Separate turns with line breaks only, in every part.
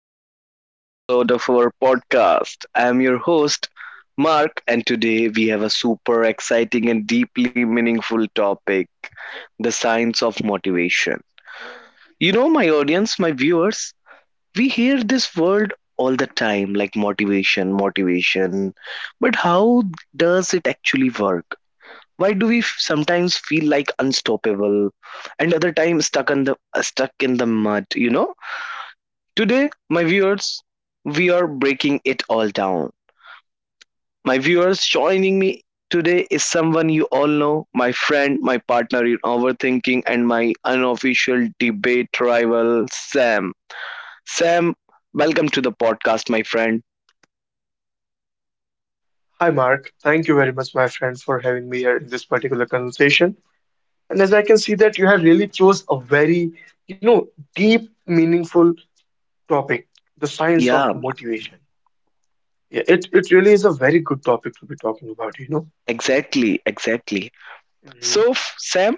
back to another episode of our podcast. I am your host, Mark, and today we have a super exciting and deeply meaningful topic: the science of motivation. You know, my audience, my viewers, we hear this word all the time, like motivation, motivation, but how does it actually work? Why do we sometimes feel like unstoppable, and other times stuck in the mud, you know? Today, my viewers, we are breaking it all down. My viewers, joining me today is someone you all know, my friend, my partner in overthinking, and my unofficial debate rival, Sam. Sam, welcome to the podcast, my friend.
Hi, Mark. Thank you very much, my friend, for having me here in this particular conversation. And as I can see that you have really chose a very, you know, deep, meaningful topic, the science of
Yeah,
motivation. Yeah, it really is a very good topic to be talking about.
exactly, exactly.
Mm-hmm.
So, Sam,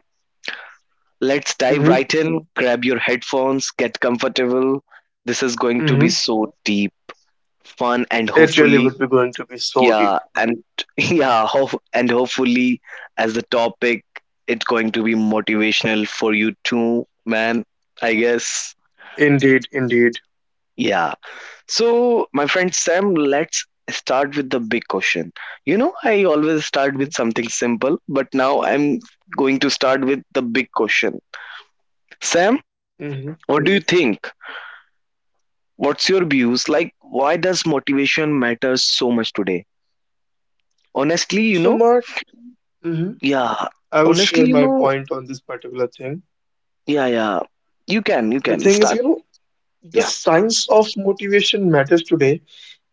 let's dive
Mm-hmm.
right in. Grab your headphones, get comfortable. This is going to be
Mm-hmm.
so deep, fun, and
It really would
hopefully.
be going to be so
Yeah,
deep.
and yeah, and hopefully, as the topic, it's going to be motivational for you too, man. I guess.
Indeed, indeed.
Yeah. So, my friend Sam, let's start with the big question. You know, I always start
Mm-hmm.
with something simple, but now I'm going to start with the big question. Sam,
Mm-hmm.
what do you think? What's your views? Like, why does motivation matter so much today? Honestly, you
So,
know,
Mark, mm-hmm.
yeah,
I will
honestly,
share
you
my
know,
point on this particular thing.
Yeah, yeah. You can, you
The
can
thing is,
start.
you know, the
Yeah,
science of motivation matters today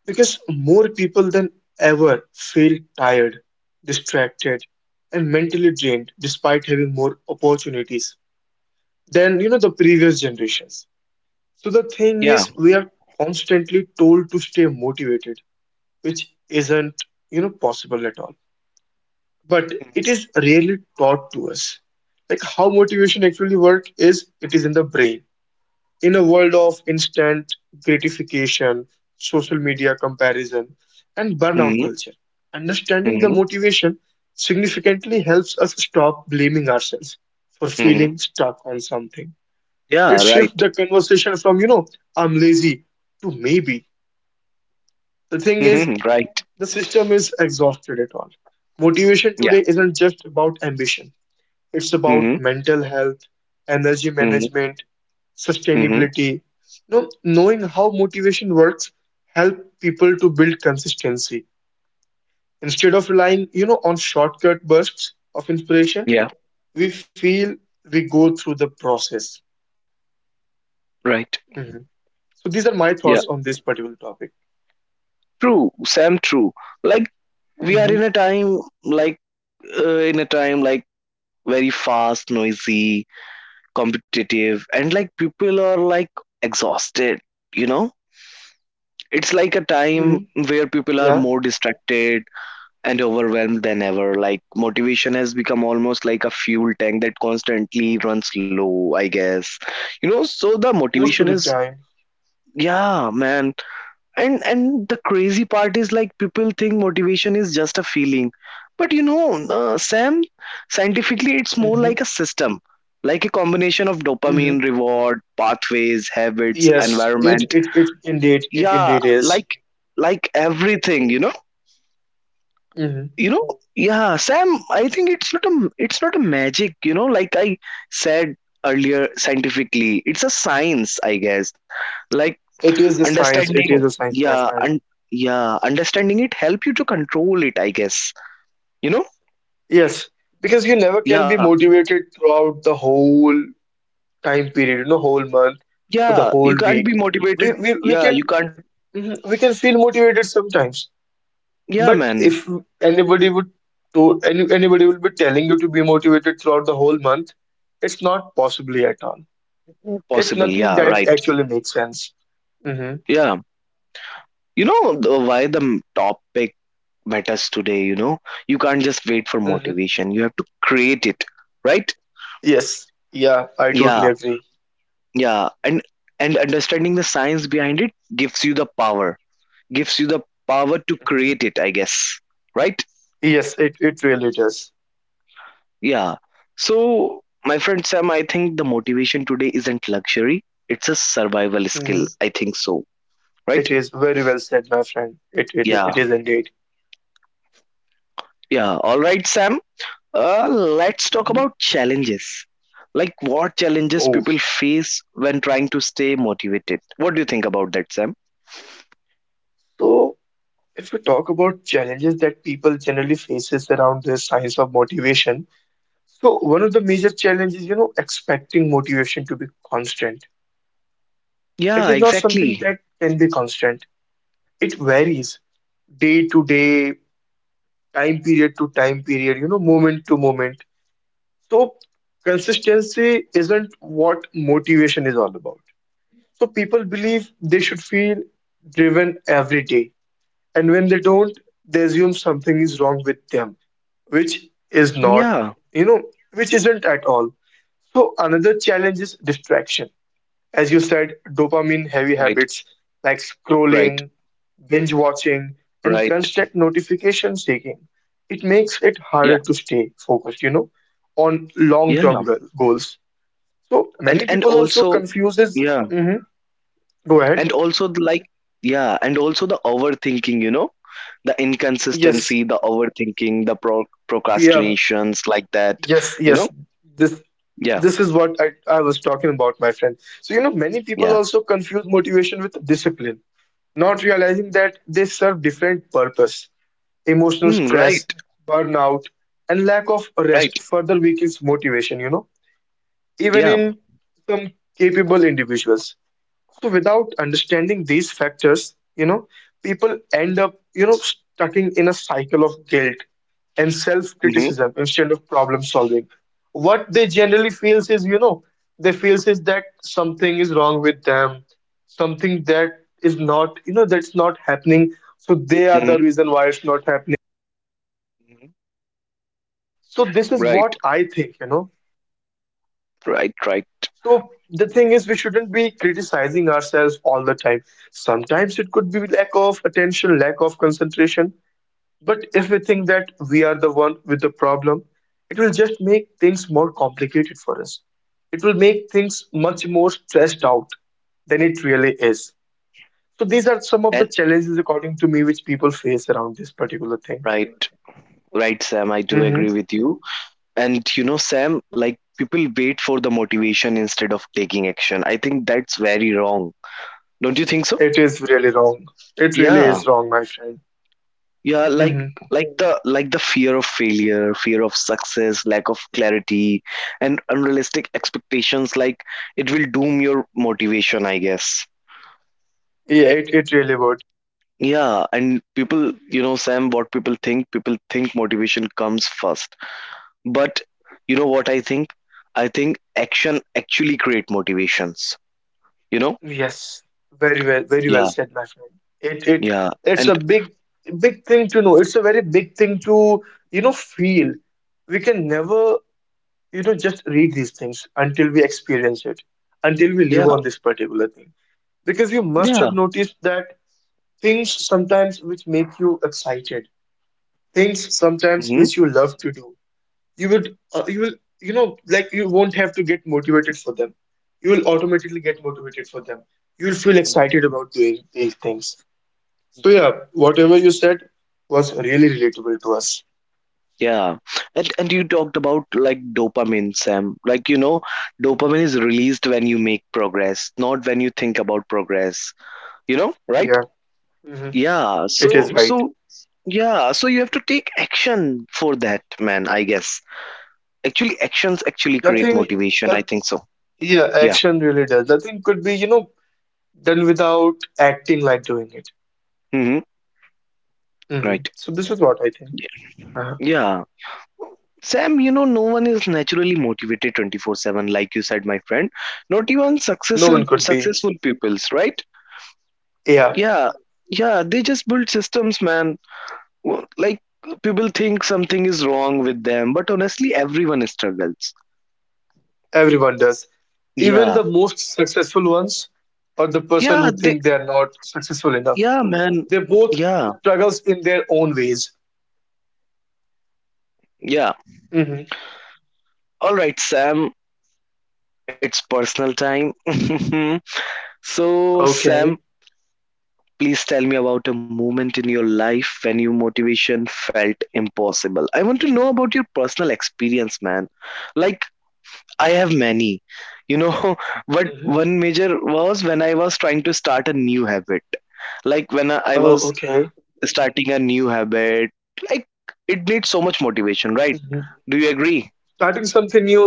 because more people than ever feel tired, distracted, and mentally drained despite having more opportunities than you know the previous generations. So the thing
yeah.
is we are constantly told to stay motivated, which isn't you know possible at all. But
Mm-hmm.
it is rarely taught to us. Like how motivation actually work is it is in the brain. In a world of instant gratification, social media comparison, and burnout
Mm-hmm.
culture, understanding the
Mm-hmm.
motivation significantly helps us stop blaming ourselves for
Mm-hmm.
feeling stuck on something. It
Yeah,
shifts
right.
the conversation from, you know, I'm lazy to maybe. The thing is,
Mm-hmm. Right.
the system is exhausted at all. Motivation
Yeah.
today isn't just about ambition, it's about
Mm-hmm.
mental health, energy
Mm-hmm.
management,
Mm-hmm.
sustainability. You know, knowing how motivation works help people to build consistency. Instead of relying, you know, on shortcut bursts of inspiration,
Yeah.
we feel we go through the process.
Right.
Mhm. So these are my
Yeah.
thoughts on this particular topic.
True, Sam. True. Like we are in
Hmm.
a time, like very fast, noisy, competitive, and like people are like exhausted. You know, it's like a time
Hmm.
where people are more
Yeah,
distracted and overwhelmed than ever. Like motivation has become almost like a fuel tank that constantly runs low, I guess. You know, so the motivation
most of the
is,
time.
yeah, man. And the crazy part is, like, people think motivation is just a feeling. But you know, Sam, scientifically it's more
Hmm.
like a system. Like a combination of
Hmm.
dopamine, reward pathways, habits,
Yes, it
environment.
it it indeed it
Yeah,
indeed is.
like everything, you know.
Hmm.
Yeah, Sam, I think it's not a magic, you know? Like I said earlier, scientifically, it's a science, I guess. Like
It is a science.
understanding.
It is a science, my
Yeah.
friend.
And, yeah, understanding it help you to control it, I guess, you know?
Yes, because you never can
Yeah,
be motivated throughout the whole time period, you know, whole month for the
yeah, you
whole
can't be
week. We
motivated.
we, we
Yeah,
can
you can't.
mhm, we can feel motivated sometimes.
Yeah,
But
man.
if anybody would to any, anybody will be telling you to be motivated throughout the whole month, it's not possibly at all. It's
Possible,
nothing
yeah,
that
right.
actually makes sense. Mm-hmm.
Yeah, you know, why the topic matters today, you know. You can't just wait for
Mm-hmm.
motivation, you have to create it, right?
Yes. Yeah, I totally
Yeah,
agree.
yeah. And understanding the science behind it gives you the power gives you the power to
Hmm.
create it, I guess, right?
Yes, it really does.
Yeah. So, my friend Sam, I think the motivation today isn't luxury, it's a survival skill,
Mhm.
I think so, right?
It is very well said, my friend. It
Yeah,
is indeed.
yeah, all right, Sam. Let's talk
Mhm.
about challenges. Like, what challenges
Oh,
people face when trying to stay motivated? What do you think about that, Sam?
so if we talk about challenges that people generally faces around the science of motivation, so one of the major challenges, you know, expecting motivation to be constant. It
Yeah,
is not something
exactly.
that can be constant. It varies day to day, time period to time period, you know, moment to moment. So consistency isn't what motivation is all about. So people believe they should feel driven every day. And when they don't, they assume something is wrong with them, which is not,
Yeah,
you know, which isn't at all. So another challenge is distraction. As you said, dopamine heavy
right,
habits like
right,
scrolling, binge watching, and
right.
constant notification seeking. It makes it
Yeah.
harder to stay focused, you know, on
Yeah,
long-term goals. So many
and
people also
also
confuses.
yeah,
Mhm. Go ahead.
and also the, like the overthinking, you know, the
Yes.
inconsistency, the overthinking, the
Yeah.
procrastinations, like that,
Yes,
you know.
yes. This
Yeah,
this is what I was talking about, my friend. So, you know, many people
yeah.
also confuse motivation with discipline, not realizing that they serve different purpose. Emotional
Hmm,
stress,
right,
burnout, and lack of
right.
rest further weakens motivation, you know, even
Yeah.
in some capable individuals. So without understanding these factors, you know, people end up, you know, stuck in a cycle of guilt and
Mm-hmm,
self-criticism instead of problem solving. What they generally feels is, you know, they feels is that something is wrong with them, something that is not, you know, that's not happening. So they are the
mm-hmm,
reason why it's not happening.
hmm.
So this is what
Right,
I think, you know.
right, right.
So the thing is, we shouldn't be criticizing ourselves all the time. Sometimes it could be lack of attention, lack of concentration. But if we think that we are the one with the problem, it will just make things more complicated for us. It will make things much more stressed out than it really is. So these are some of the
And,
challenges, according to me, which people face around this particular thing.
right, right, Sam. I do
Mhm.
agree with you. And, you know, Sam, like people wait for the motivation instead of taking action. I think that's very wrong. Don't you think so?
It is really wrong. It really
Yeah.
is wrong, my friend.
Yeah, like
Mhm.
like the like the fear of failure, fear of success, lack of clarity, and unrealistic expectations, like, it will doom your motivation, I guess.
Yeah, it really would.
Yeah, and people, you know, Sam, people think motivation comes first. But you know what I think? I think action actually create motivations, you
Yes, very well
know?
said, my friend. It it
Yeah,
it's a
and
big thing to know. It's a very big thing to, you know, feel. We can never, you know, just read these things until we experience it, until we live
yeah,
on this particular thing. Because you must
yeah,
have noticed that things sometimes which make you excited, things sometimes
hmm,
which you love to do, you would you will, you know, like you won't have to get motivated for them. You will automatically get motivated for them. You will feel excited about doing these things. So yeah, whatever you said was really relatable to us.
yeah, and you talked about, like, dopamine, Sam. Like, you know,
Hmm.
dopamine is released when you make progress, not when you think about progress. You know, right?
Yeah. Hmm.
Yeah.
It
So
is right.
so yeah. So you have to take action for that, man. I guess actually, actions actually create
Nothing
motivation.
that
I think so.
yeah
Yeah.
action really does. Nothing could be, you know, done without acting like doing it.
Mm-hmm.
Hmm.
Right.
So this is what I think.
Yeah.
uh
Yeah. Sam, you know, no one is naturally motivated 24/7, like you said, my friend. Not even
no
successful
one could be.
successful pupils, right?
Yeah.
Yeah, yeah, they just build systems, man. Like, people think something is wrong with them, but honestly, everyone struggles.
Everyone does. Even the
Yeah,
most successful ones or the person
yeah,
who
they,
think they are not successful enough.
yeah, man,
They both
yeah,
struggles in their own ways.
yeah.
Hmm.
All right, Sam, it's personal time. So,
Okay.
Sam, please tell me about a moment in your life when your motivation felt impossible. I want to know about your personal experience, man. Like, I have many. You know, but
Hmm.
one major was when I was trying to start a new habit. Like, when I
Oh,
was
okay.
starting a new habit, like, it needs so much motivation, right?
Hmm.
Do you agree?
Starting something new,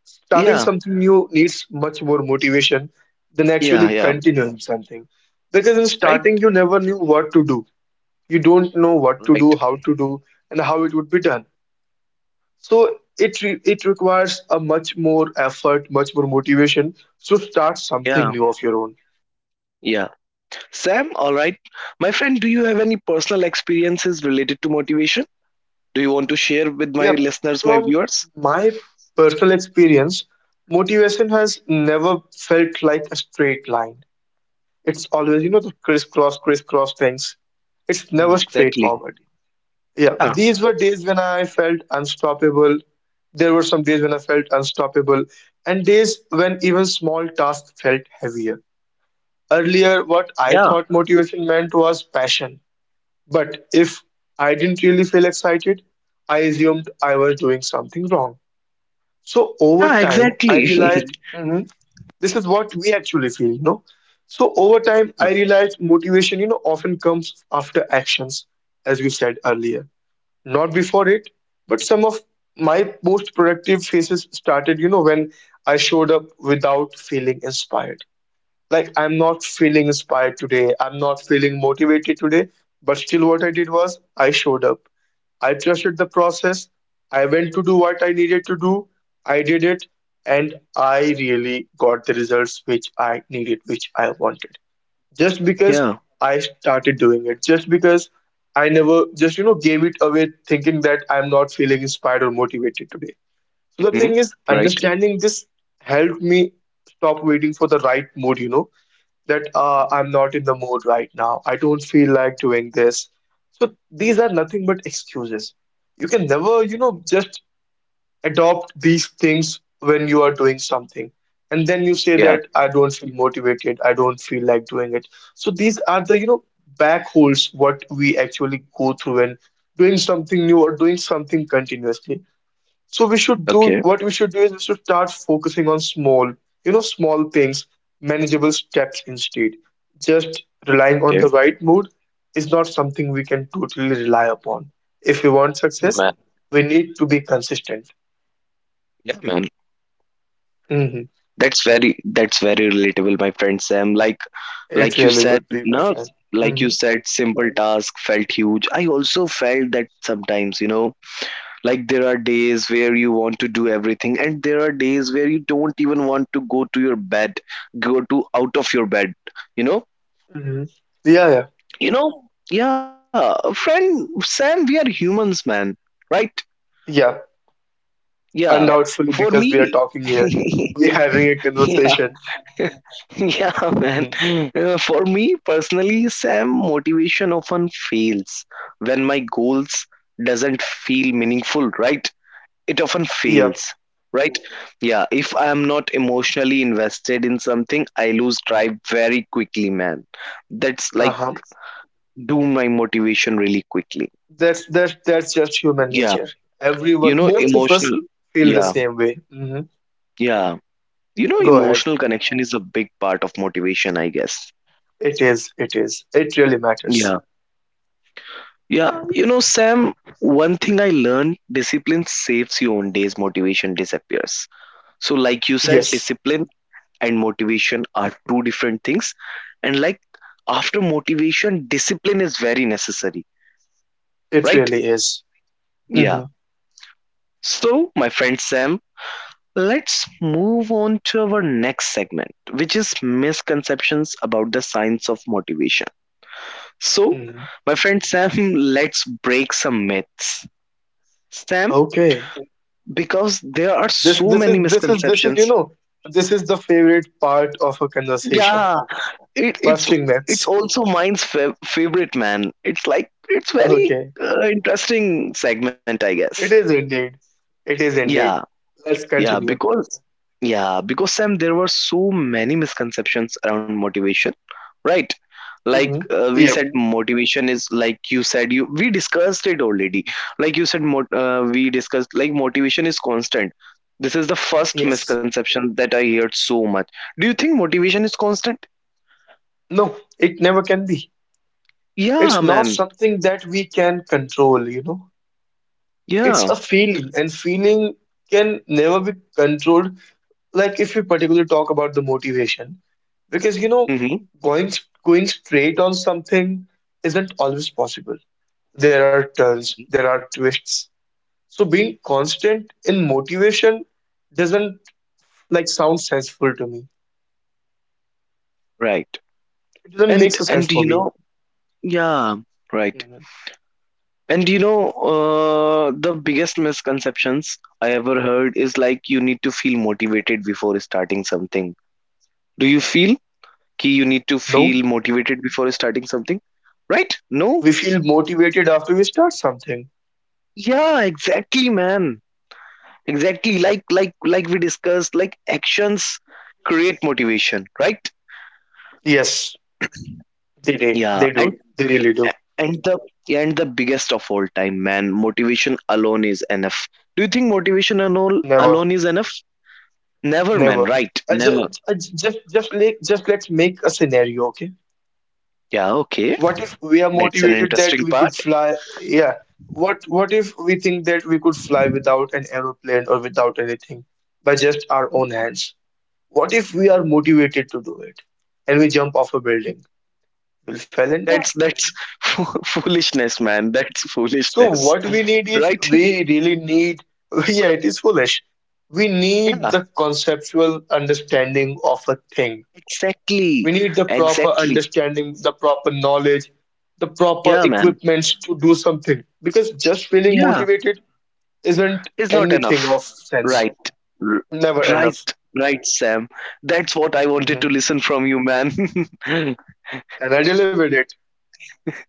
starting
Yeah,
something new needs much more motivation than
yeah,
actually
yeah.
continuing something. Because in
Right?
starting, you never knew what to do. You don't know what to
Right.
do, how to do, and how it would be done. So it requires a much more effort, much more motivation to start something
Yeah,
new of your own.
yeah. Sam, all right. My friend, do you have any personal experiences related to motivation? Do you want to share with my
Yeah,
listeners, my
from
viewers?
my personal experience, motivation has never felt like a straight line. It's always, you know, the crisscross things. It's never
Mm, exactly.
straightforward. Yeah,
Yeah.
these were days when I felt unstoppable. There were some days when I felt unstoppable and days when even small tasks felt heavier. Earlier, what I
Yeah.
thought motivation meant was passion. But if I didn't really feel excited, I assumed I was doing something wrong. So over
Yeah.
time, I
Exactly.
realized, "Mhm, this is what we actually feel, you know." So over time,
Yeah.
I realized motivation, you know, often comes after actions, as we said earlier, not before it. But some of my most productive phases started, you know, when I showed up without feeling inspired, like I'm not feeling inspired today, I'm not feeling motivated today, but still what I did was I showed up. I trusted the process. I went to do what I needed to do. I did it, and I really got the results which I needed, which I wanted. Just because
Yeah.
I started doing it, just because I never just, you know, gave it away thinking that I'm not feeling inspired or motivated today. So the
Hmm.
thing is,
Right.
understanding this helped me stop waiting for the right mood, you know, that I'm not in the mood right now. I don't feel like doing this. So these are nothing but excuses. You can never, you
Mhm.
know, just adopt these things when you are doing something. And then you say
Yeah.
that I don't feel motivated, I don't feel like doing it. So these are the, you know, back holes what we actually go through when doing something new or doing something continuously. So we should do
Okay.
what we should do is we should start focusing on small, you know, small things, manageable steps instead. Just relying on the
Okay.
right mood is not something we can totally rely upon. If we want
Yeah,
success,
man.
we need to be consistent.
Yeah, man.
Hmm.
That's very relatable, my friend Sam. Like
It
like you
really
said,
would be, my
no,
friend. Hmm.
simple task felt huge. I also felt that sometimes, you know, like, there are days where you want to do everything, and there are days where you don't even want to go to out of your bed, you know,
Hmm. Yeah, yeah,
you know. Yeah, friend Sam, we are humans, man, right?
yeah.
Yeah,
Undoubtedly,
for
because
me,
we are talking here, we are having a
yeah.
conversation.
Yeah, man.
Hmm.
For me personally, Sam, motivation often fails when my goals doesn't feel meaningful, right? It often
Yep.
fails, right? Yeah. If I am not emotionally invested in something, I lose drive very quickly, man. That's, like,
Uh-huh.
doom my motivation really quickly.
That's just human
Yeah,
nature.
you
Everyone,
know
most of us
emotional.
feel the
Yeah,
same way. Hmm.
yeah. You know,
Go ahead.
emotional connection is a big part of motivation, I guess.
It is. It is. It really matters.
Yeah, yeah, you know, Sam, one thing I learned: discipline saves you on days motivation disappears. So, like you said,
Yes,
discipline and motivation are two different things, and, like, after motivation, discipline is very necessary,
it
right?
really is.
Yeah.
Hmm.
So, my friend Sam, let's move on to our next segment, which is misconceptions about the science of motivation. So,
Hmm.
my friend Sam, let's break some myths, Sam,
Okay.
because there are
This
so
this is
many
this is this is
misconceptions.
you know this is the favorite part of a conversation.
Yeah, it it's
Busting
it's
myths.
also mine's favorite, man. It's like, it's very
Okay.
interesting segment, I guess.
It is indeed. It is
Yeah,
indeed. Let's
yeah,
continue.
because yeah, because, Sam, there were so many misconceptions around motivation, right? Like,
Hmm.
we
Yep.
said motivation is, like you said, you we discussed it already. Like you said we discussed, like, motivation is constant. This is the first
Yes.
misconception that I heard so much. Do you think motivation is constant?
No, it never can be.
Yeah,
It's not
man.
something that we can control, you know. It's
Yeah.
a feeling, and feeling can never be controlled, like if we particularly talk about the motivation. Because, you know,
Mm-hmm.
going going straight on something isn't always possible. There are turns, there are twists. So being constant in motivation doesn't like sound senseful to me.
Right.
It doesn't make
And
sense
and
for
you
me.
know, yeah, right.
Mhm.
And you know, the biggest misconceptions I ever heard is, like, you need to feel motivated before starting something. Do you feel ki You need to
No,
feel motivated before starting something, right? No?
we feel motivated after we start something.
Yeah, exactly, man. Exactly. Like we discussed, like, actions create motivation, right?
Yes, they
Yeah.
they do. They really do.
And the and the biggest of all time, man: motivation alone is enough. Do you think motivation alone
Never.
alone is enough? Never, man,
Never.
right?
I
Never.
just, just like, just let's make a scenario, okay?
Yeah, okay,
What if we are
that's an
motivated that
interesting
we could
part.
fly? Yeah. What if we think that we could fly without an aeroplane or without anything by just our own hands? What if we are motivated to do it and we jump off a building? We'll fall and die.
That's foolishness, man, that's
So
foolishness,
what we need is
right?
we really need, yeah, it is foolish. We
Yeah,
need the conceptual understanding of a thing. We
exactly,
need the proper
exactly.
understanding, the proper knowledge, the proper
Yeah, man,
equipments to do something because just feeling
yeah,
motivated isn't
it's not
anything
enough,
of sense.
right? R-
Never enough.
right, right, Sam, that's what I wanted to
Hmm.
listen from you, man.
And I delivered it.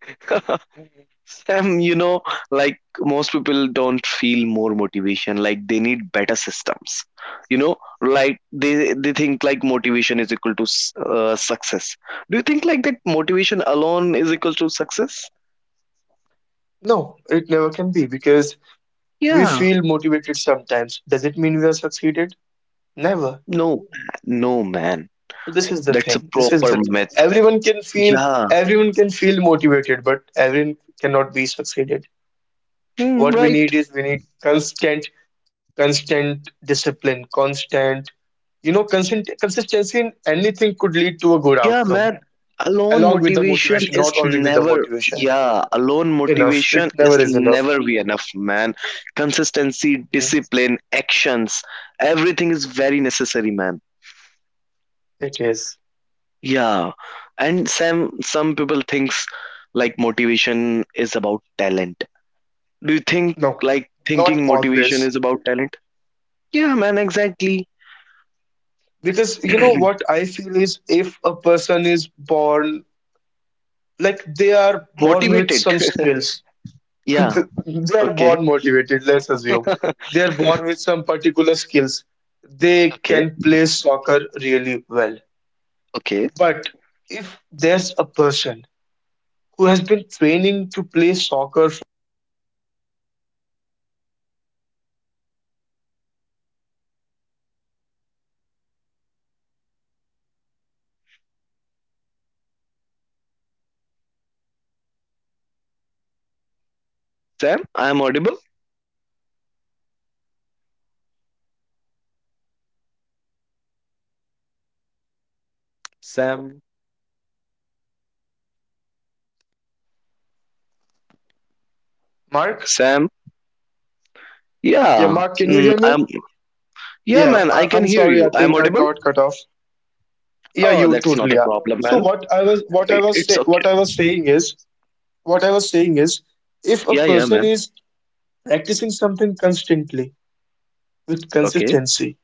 Sam, you know, like, most people don't feel more motivation. Like, they need better systems. You know, like, they think like motivation is equal to success. Do you think like that motivation alone is equal to success?
No, it never can be because we
Yeah.
feel motivated sometimes. Does it mean we have succeeded? Never.
No, no, man.
So this is the
That's a
thing. This is
proper
the thing.
myth.
Everyone can feel
Yeah.
everyone can feel motivated, but everyone cannot be succeeded.
Hmm,
What we
right.
need is we need constant discipline, constant you know constant consistency in anything could lead to a good
Yeah,
outcome,
man. Alone
along with the
motivation
motivation,
is
not only with the
never,
motivation
yeah, alone
enough, it
motivation is
never is enough.
never be enough, man. Consistency,
Yes,
discipline, actions, everything is very necessary, man.
it is.
Yeah. And some people thinks like motivation is about talent. Do you think
No,
like
not
thinking motivation
always,
is about talent? Yeah, man, exactly.
because you know what I feel is if a person is born, like they are born with
Motivated.
some skills.
Yeah.
They're born
Okay.
motivated, let's assume. They're born with some particular skills. They
Okay.
can play soccer really well.
Okay.
But if there's a person who has been training to play soccer,
Sam, I am audible. Sam,
Mark?
Sam.
Yeah,
Yeah,
Mark, can you hear me?
I'm. Yeah,
Yeah,
man, I
I,
can
I'm
hear
sorry. I
you. I'm
think I
audible.
got cut off. Yeah,
Oh,
you
that's not a
totally are.
problem,
So
man.
what I
It,
was
it's
say,
okay.
what I was saying is what I was saying is if a
Yeah, yeah,
person
man.
is practicing something constantly with
Okay,
consistency.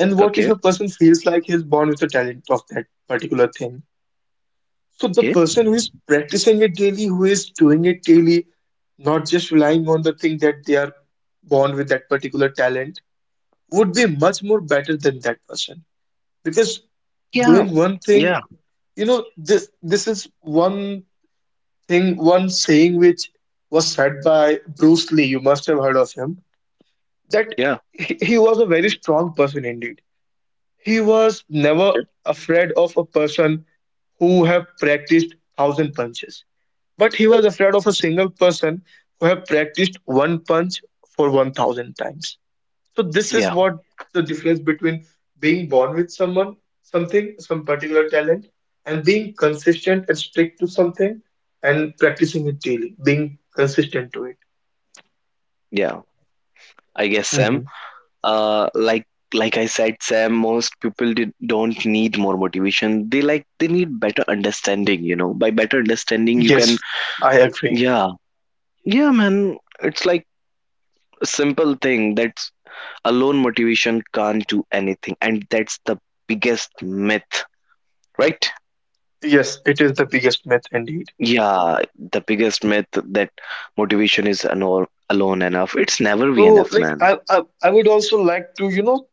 And what if
okay,
a person feels like he's born with a talent of that particular thing? So
okay.
the person who is practicing it daily, who is doing it daily, not just relying on the thing that they are born with that particular talent, would be much more better than that person. Because
Yeah,
doing one thing,
yeah,
you know, this is one thing, one saying which was said by Bruce Lee. You must have heard of him. That
yeah.
he was a very strong person indeed. He was
Okay.
never afraid of a person who have practiced 1,000 punches, but he was afraid of a single person who have practiced one punch for 1,000 times. So this is
Yeah,
what the difference between being born with someone, something, some particular talent, and being consistent and strict to something and practicing it daily, being consistent to it.
yeah. I guess, Sam.
Mhm.
Like, I said, Sam, most people don't need more motivation. They need better understanding. You know, by better understanding, you can.
Yes, I agree.
Yeah, yeah, man. It's like a simple thing, that alone motivation can't do anything, and that's the biggest myth, right?
Yes, it is the biggest myth indeed.
Yeah, the biggest myth, that motivation is alone enough. It's never be
So,
enough,
like,
man.
I would also like to, you know,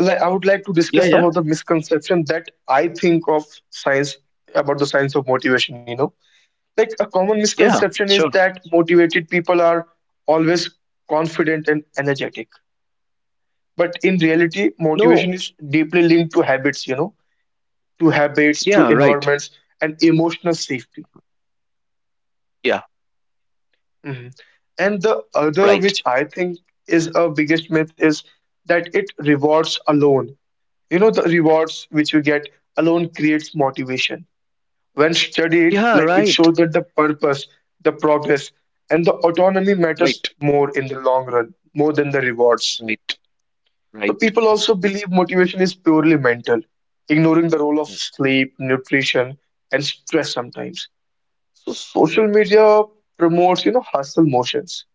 like, I would like to
Yeah,
discuss
yeah,
about the misconception that I think of science, about the science of motivation, you know. Like, a common
yeah, sure.
misconception is that motivated people are always confident and energetic. But in reality,
No,
motivation is deeply linked to habits, you know, to
yeah,
habits,
right,
to environments, and emotional safety.
yeah,
Mhm. And the
right,
other, which I think is a biggest myth, is that it rewards alone. You know, the rewards which we get alone creates motivation. When
yeah,
studied, like
right,
it shows that the purpose, the progress, and the autonomy
right,
matters more in the long run, more than the rewards.
right, right.
So
Right,
people also believe motivation is purely mental, ignoring the role of sleep, nutrition, and stress sometimes. So
right,
social media promotes, you know, hustle motions,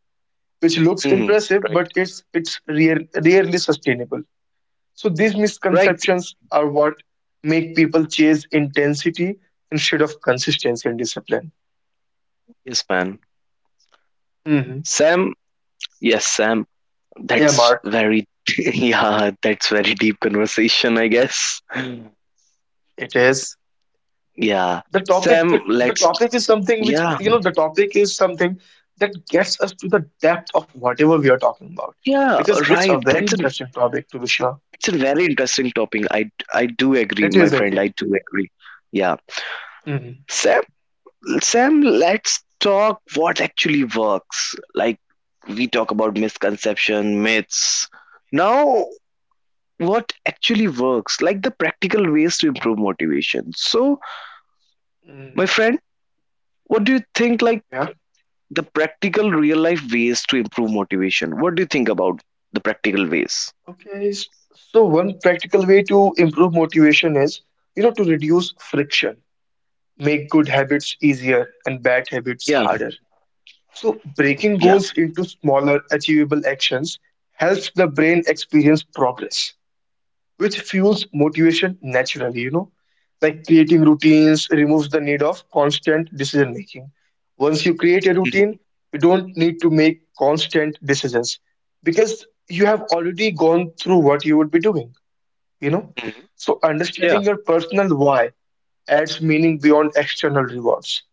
which looks
mm-hmm.
impressive,
Right,
but it's rarely sustainable. So these
right,
misconceptions are what make people chase intensity instead of consistency and discipline.
yes, man.
Hmm.
Sam, yes, Sam,
Yeah,
that's
Mark,
very yeah, that's very deep conversation, I guess.
it is.
Yeah,
The topic,
Sam.
the, the
Let's.
topic is something which,
Yeah,
you know, the topic is something that gets us to the depth of whatever we are talking about
yeah.
because it's
Right.
a very
That's a.
interesting topic to be sure.
It's a very interesting topic. I. I do agree,
It
my
is
friend.
indeed.
I do agree. Yeah,
Hmm.
Sam. Sam. Let's talk what actually works. We talk about misconception, myths. Now, what actually works? Like the practical ways to improve motivation. So, my
Mm.
friend, what do you think? Like
Yeah.
the practical real life ways to improve motivation. What do you think about the practical ways?
Okay. So one practical way to improve motivation is, you know, to reduce friction. Make good habits easier and bad habits harder. So, breaking
Yeah.
goals into smaller, achievable actions helps the brain experience progress, which fuels motivation naturally, you know. Like creating routines removes the need of constant decision making. Once you create a routine,
Mhm.
you don't need to make constant decisions because you have already gone through what you would be doing, you know.
Mhm.
So, understanding
Yeah.
your personal why adds meaning beyond external rewards.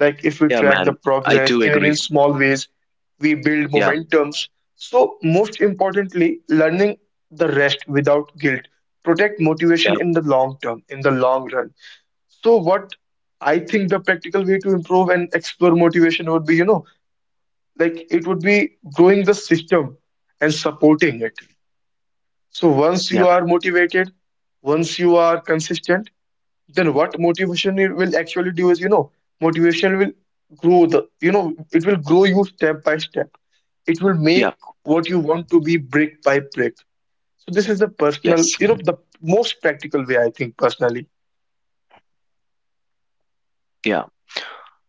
Like if we
Yeah,
track the
man. I
progress
do
even in
agree.
small ways, we build
Yeah.
momentums. So most importantly, learning the rest without guilt protect
Yeah.
motivation in the long run. So what I think the practical way to improve and explore motivation would be, you know, like it would be growing the system and supporting it. So once you
Yeah.
are motivated, once you are consistent, then what motivation it will actually do is, you know, motivation will grow the, you know, it will grow you step by step, it will make
Yeah.
what you want to be brick by brick. So this is the personal,
Yes.
you know, the most practical way I think personally.
Yeah.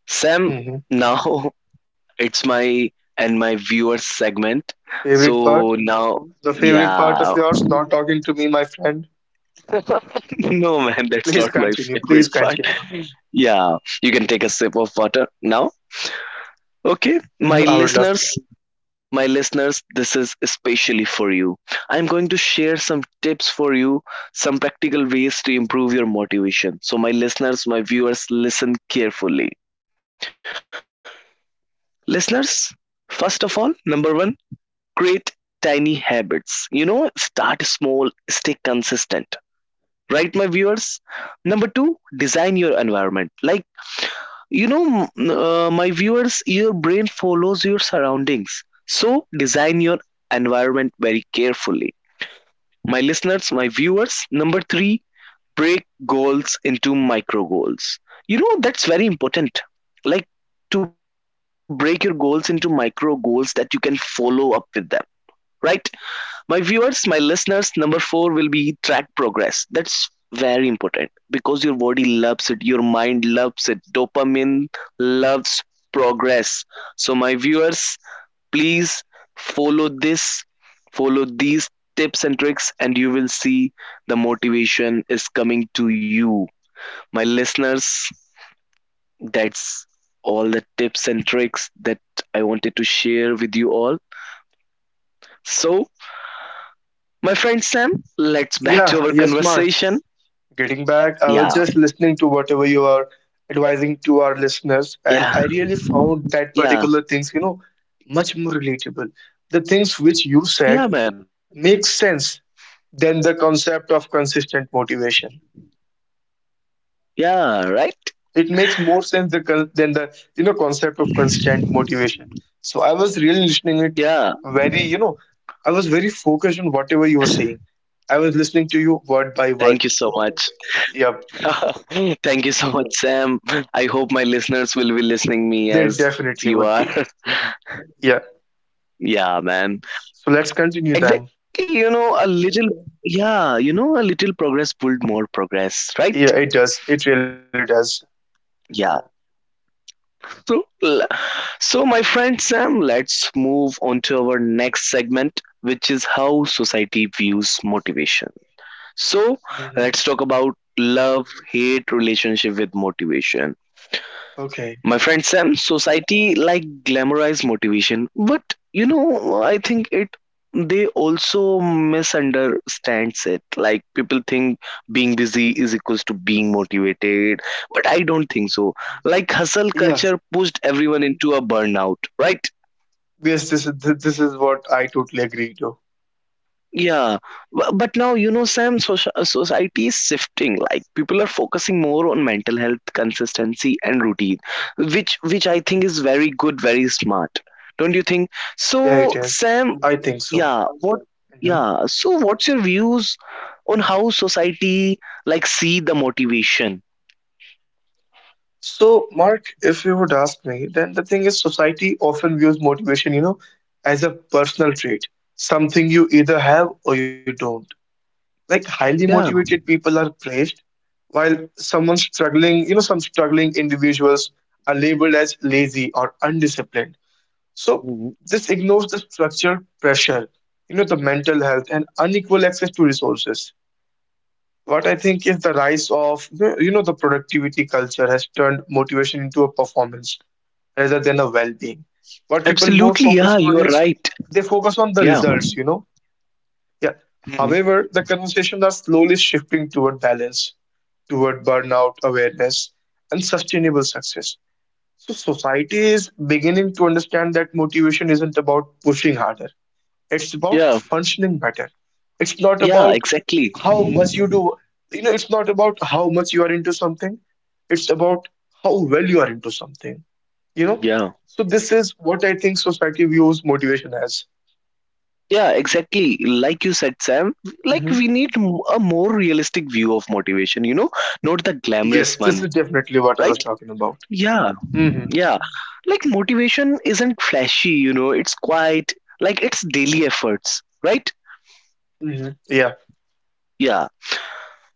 Sam,
Hmm.
now it's my and my viewers segment.
Favorite part.
So now,
The favorite part of
yeah.
yours not talking to me, my friend.
No, man, that's
Please
not my
continue, please
favorite part.
continue.
Yeah. You can take a sip of water now. Okay.
Mhm, I
My
would love
listeners, my listeners, this is especially for you. I'm going to share some tips for you, some practical ways to improve your motivation. So, my listeners, my viewers, listen carefully. Listeners, first of all, number one, create tiny habits. You know, start small, stay consistent. Right, my viewers? Number two, design your environment. Like, my viewers, your brain follows your surroundings. So, design your environment very carefully, my listeners, my viewers. Number three, break goals into micro goals. You know, that's very important. Like to break your goals into micro goals that you can follow up with them, right? My viewers, my listeners, number four will be track progress. That's very important because your body loves it, your mind loves it, dopamine loves progress. So, my viewers, please follow this follow these tips and tricks and you will see the motivation is coming to you, my listeners. That's all the tips and tricks that I wanted to share with you all. So, my friend Sam, let's
to.
back to
Yeah,
our
yes, Mark.
conversation.
Getting back, I was
Yeah,
just listening to whatever you are advising to our listeners, and
yeah,
I really found that
yeah,
particular things, you know, much more relatable. The things which you said
yeah, man.
make sense than the concept of consistent motivation.
Yeah, right.
It makes more sense the than the, you know, concept of constant motivation. So I was really listening it
Yeah,
very, you know, I was very focused on whatever you were saying. I was listening to you word by
thank you
word.
so much.
Yeah,
Thank you so much, Sam. I hope my listeners will be listening me
there
as you are.
definitely would be. Yeah.
Yeah, man.
So let's continue then.
Exactly, yeah, you know, a little progress pulled more progress, right?
Yeah, it does. It really does.
Yeah. So, so my friend Sam, let's move on to our next segment, which is how society views motivation. So,
Hmm.
let's talk about love, hate, relationship with motivation.
Okay.
My friend Sam, society like glamorize motivation, but you know, I think it they also misunderstands it. Like people think being busy is equals to being motivated, but I don't think so. Like hustle
Yeah.
culture pushed everyone into a burnout, right?
Yes, this is what I totally agree to.
Yeah, but now you know, Sam, society is shifting. Like people are focusing more on mental health, consistency, and routine, which I think is very good, very smart. Don't you think?
Yeah, it
So,
is.
Sam,
I think so.
yeah, what?
Hmm.
Yeah, so what's your views on how society like see the motivation?
So, Mark, if you would ask me, then the thing is, society often views motivation, you know, as a personal trait, something you either have or you don't. Like highly
Yeah.
motivated people are praised, while someone struggling, you know, some struggling individuals are labeled as lazy or undisciplined. So
Mhm.
this ignores the structure, pressure, you know, the mental health and unequal access to resources. What I think is the rise of, you know, the productivity culture has turned motivation into a performance rather than a well-being. What people
Absolutely.
more
Yeah,
focus
you are
on is
right.
they focus on the
Yeah.
results, you know. Yeah.
Mhm.
However, the conversations are slowly shifting toward balance, toward burnout awareness and sustainable success. So society is beginning to understand that motivation isn't about pushing harder. It's about
Yeah,
functioning better. It's not
yeah,
about
exactly.
how much you do. You know, it's not about how much you are into something. It's about how well you are into something. You know?
Yeah.
So this is what I think society views motivation as.
Yeah, exactly. Like you said, Sam,
Hmm.
a more realistic view of motivation, you know, not the glamorous
Yes, this
one,
is definitely what I was
right?
talking about.
Yeah,
Hmm.
yeah. Like motivation isn't flashy, you know, it's quite like it's daily efforts, right?
Hmm. Yeah.
Yeah.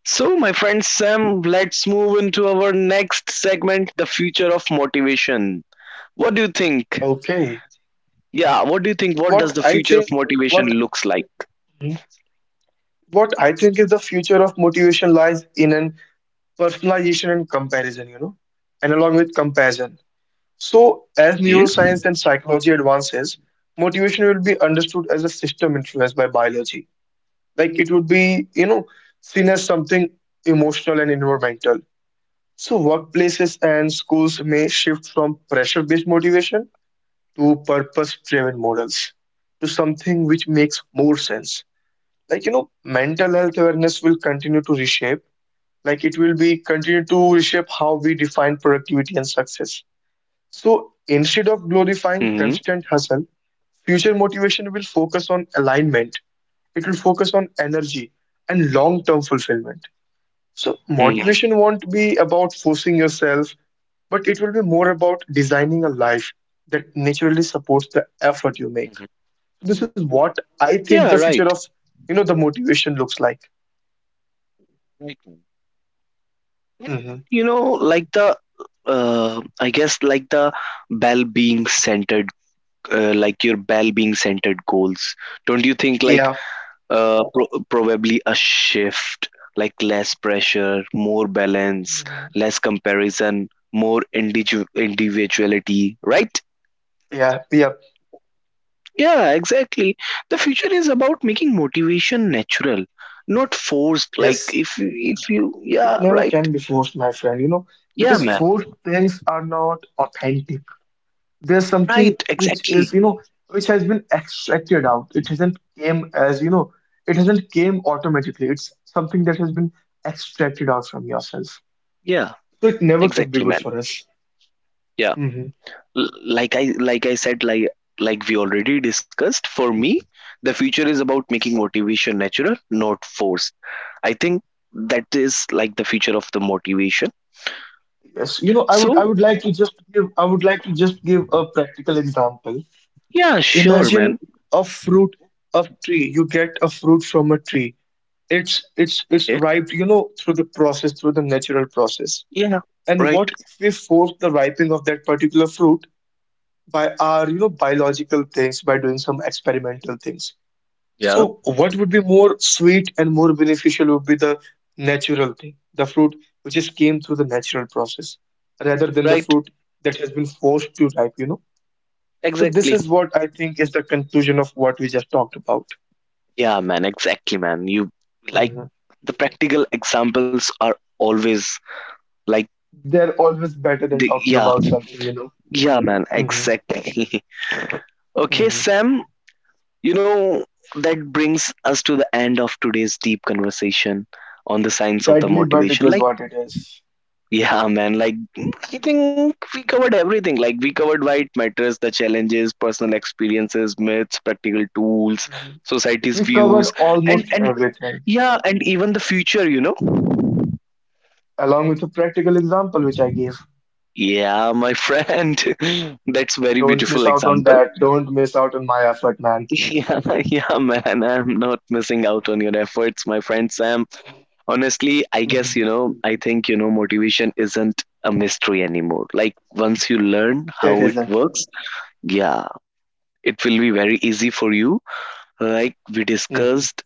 So, my friend Sam, let's move into our next segment the future of motivation. What do you think?
Okay.
Yeah, what do you think? What does the
What I
future of
think,
motivation
what
looks like?
Mhm. What I think is the future of motivation lies in an personalization and comparison, you know, and along with comparison. So, as
Okay.
neuroscience and psychology advances, motivation will be understood as a system influenced by biology. Like it would be, you know, seen as something emotional and environmental. So, workplaces and schools may shift from pressure based motivation to purpose driven models, to something which makes more sense. Like, you know, mental health awareness will continue to reshape, like, it will be continue to reshape how we define productivity and success. So
Mm-hmm.
instead of glorifying constant hustle, future motivation will focus on alignment, it will focus on energy and long term
Mm-hmm.
fulfillment. So motivation won't be about forcing yourself, but it will be more about designing a life that naturally supports the
Mm-hmm.
effort you make. This is what
Yeah,
I
right.
think the future of, you know, the motivation looks like.
Right. And,
Hmm.
and you know, like I guess like the bell being centered, like your bell being centered goals. Don't you think like
Yeah,
probably a shift, like less pressure, more balance,
hmm
less comparison, individuality, right?
yeah, yeah.
Yeah, exactly. The future is about making motivation natural, not forced. Like
Yes.
if you,
It
yeah,
never
right.
can be forced, my friend, you know,
Yeah,
because
man.
forced things are not authentic. There's something
Right,
which
exactly.
is, you know, which has been extracted out, it hasn't came as, you know, it hasn't came automatically, it's something that has been extracted out from yourself,
Yeah.
so it never can be
Exactly,
good
man.
for us.
Yeah.
Hmm.
L- like I said, like we already discussed, for me the future is about making motivation natural, not forced. I think that is like the future of the motivation.
Yes, you know, i would i
So,
would like to just give, a practical example.
yeah, sure,
Imagine
man.
a fruit, a tree, you get a fruit from a tree. It's
Yeah,
ripe, you know, through the natural process.
yeah,
And
right.
what if we force the ripening of that particular fruit by our, you know, biological things, by doing some experimental things?
Yeah,
So what would be more sweet and more beneficial would be the natural thing, the fruit which just came through the natural process, rather than the
right,
fruit that has been forced to ripe, you know. So this
exactly.
is what I think is the conclusion of what we just talked about.
Yeah, man, exactly, man. You like
Hmm.
the practical examples are always, like,
They're always better than
the,
talking
yeah.
about something, you know.
Yeah, man,
Hmm.
exactly. Okay,
Hmm.
Sam. You know, that brings us to the end of today's deep conversation on the science of the
Sadly, but it
motivation.
is
Like,
what it is.
yeah, man, like, I think we covered everything. Like, we covered why it matters, the challenges, personal experiences, myths, practical tools,
Hmm.
society's
We covered
views, and,
almost
and
everything,
yeah, and even the future, you know?
along with a practical example which I gave.
Yeah, my friend. That's very
Don't miss
beautiful
out on
example.
that. Don't miss out on my effort, man.
Yeah, yeah, man. I'm not missing out on your efforts, my friend Sam. Honestly, I guess,
Mhm.
you know, I think, you know, motivation isn't a mystery anymore. Like, once you learn
It
how it
isn't.
works, yeah, it will be very easy for you. Like we
Mhm.
discussed,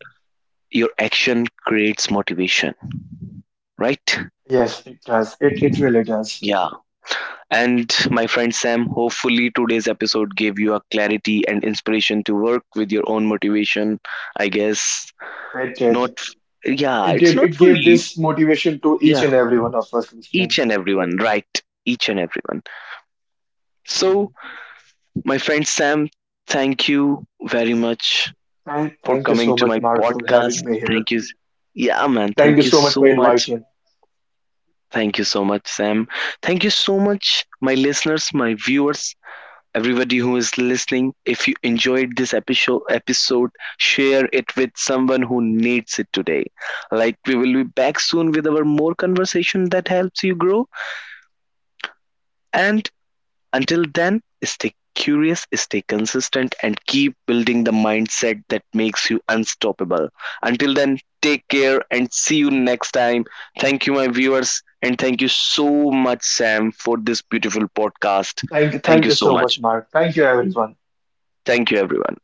your action creates motivation, right?
Yes, it does. It really does.
Yeah. And my friend Sam, hopefully today's episode gave you a clarity and inspiration to work with your own motivation. I guess
It did.
not, yeah,
It
it's
did.
not
It
for
gave
you.
this motivation to each
Yeah,
and every one of us listening.
each and everyone, right? Each and everyone. So,
Mhm.
my friend Sam, thank you very much
Thank,
for
thank you
coming
so
to
much,
my
Mark, for
podcast.
having me here.
Thank you. Yeah, man.
Thank you
Thank you
so much
so
for
much.
inviting.
Thank you so much, Sam. Thank you so much, my listeners, my viewers, everybody who is listening. If you enjoyed this episode, share it with someone who needs it today. Like we will be back soon with our more conversation that helps you grow. And until then, stay curious, stay consistent, and keep building the mindset that makes you unstoppable. Until then, take care and see you next time. Thank you, my viewers, and thank you so much, Sam, for this beautiful podcast. Thank
Thank
you
you
so
so
much.
much, Mark. Thank you, everyone.
Thank you, everyone.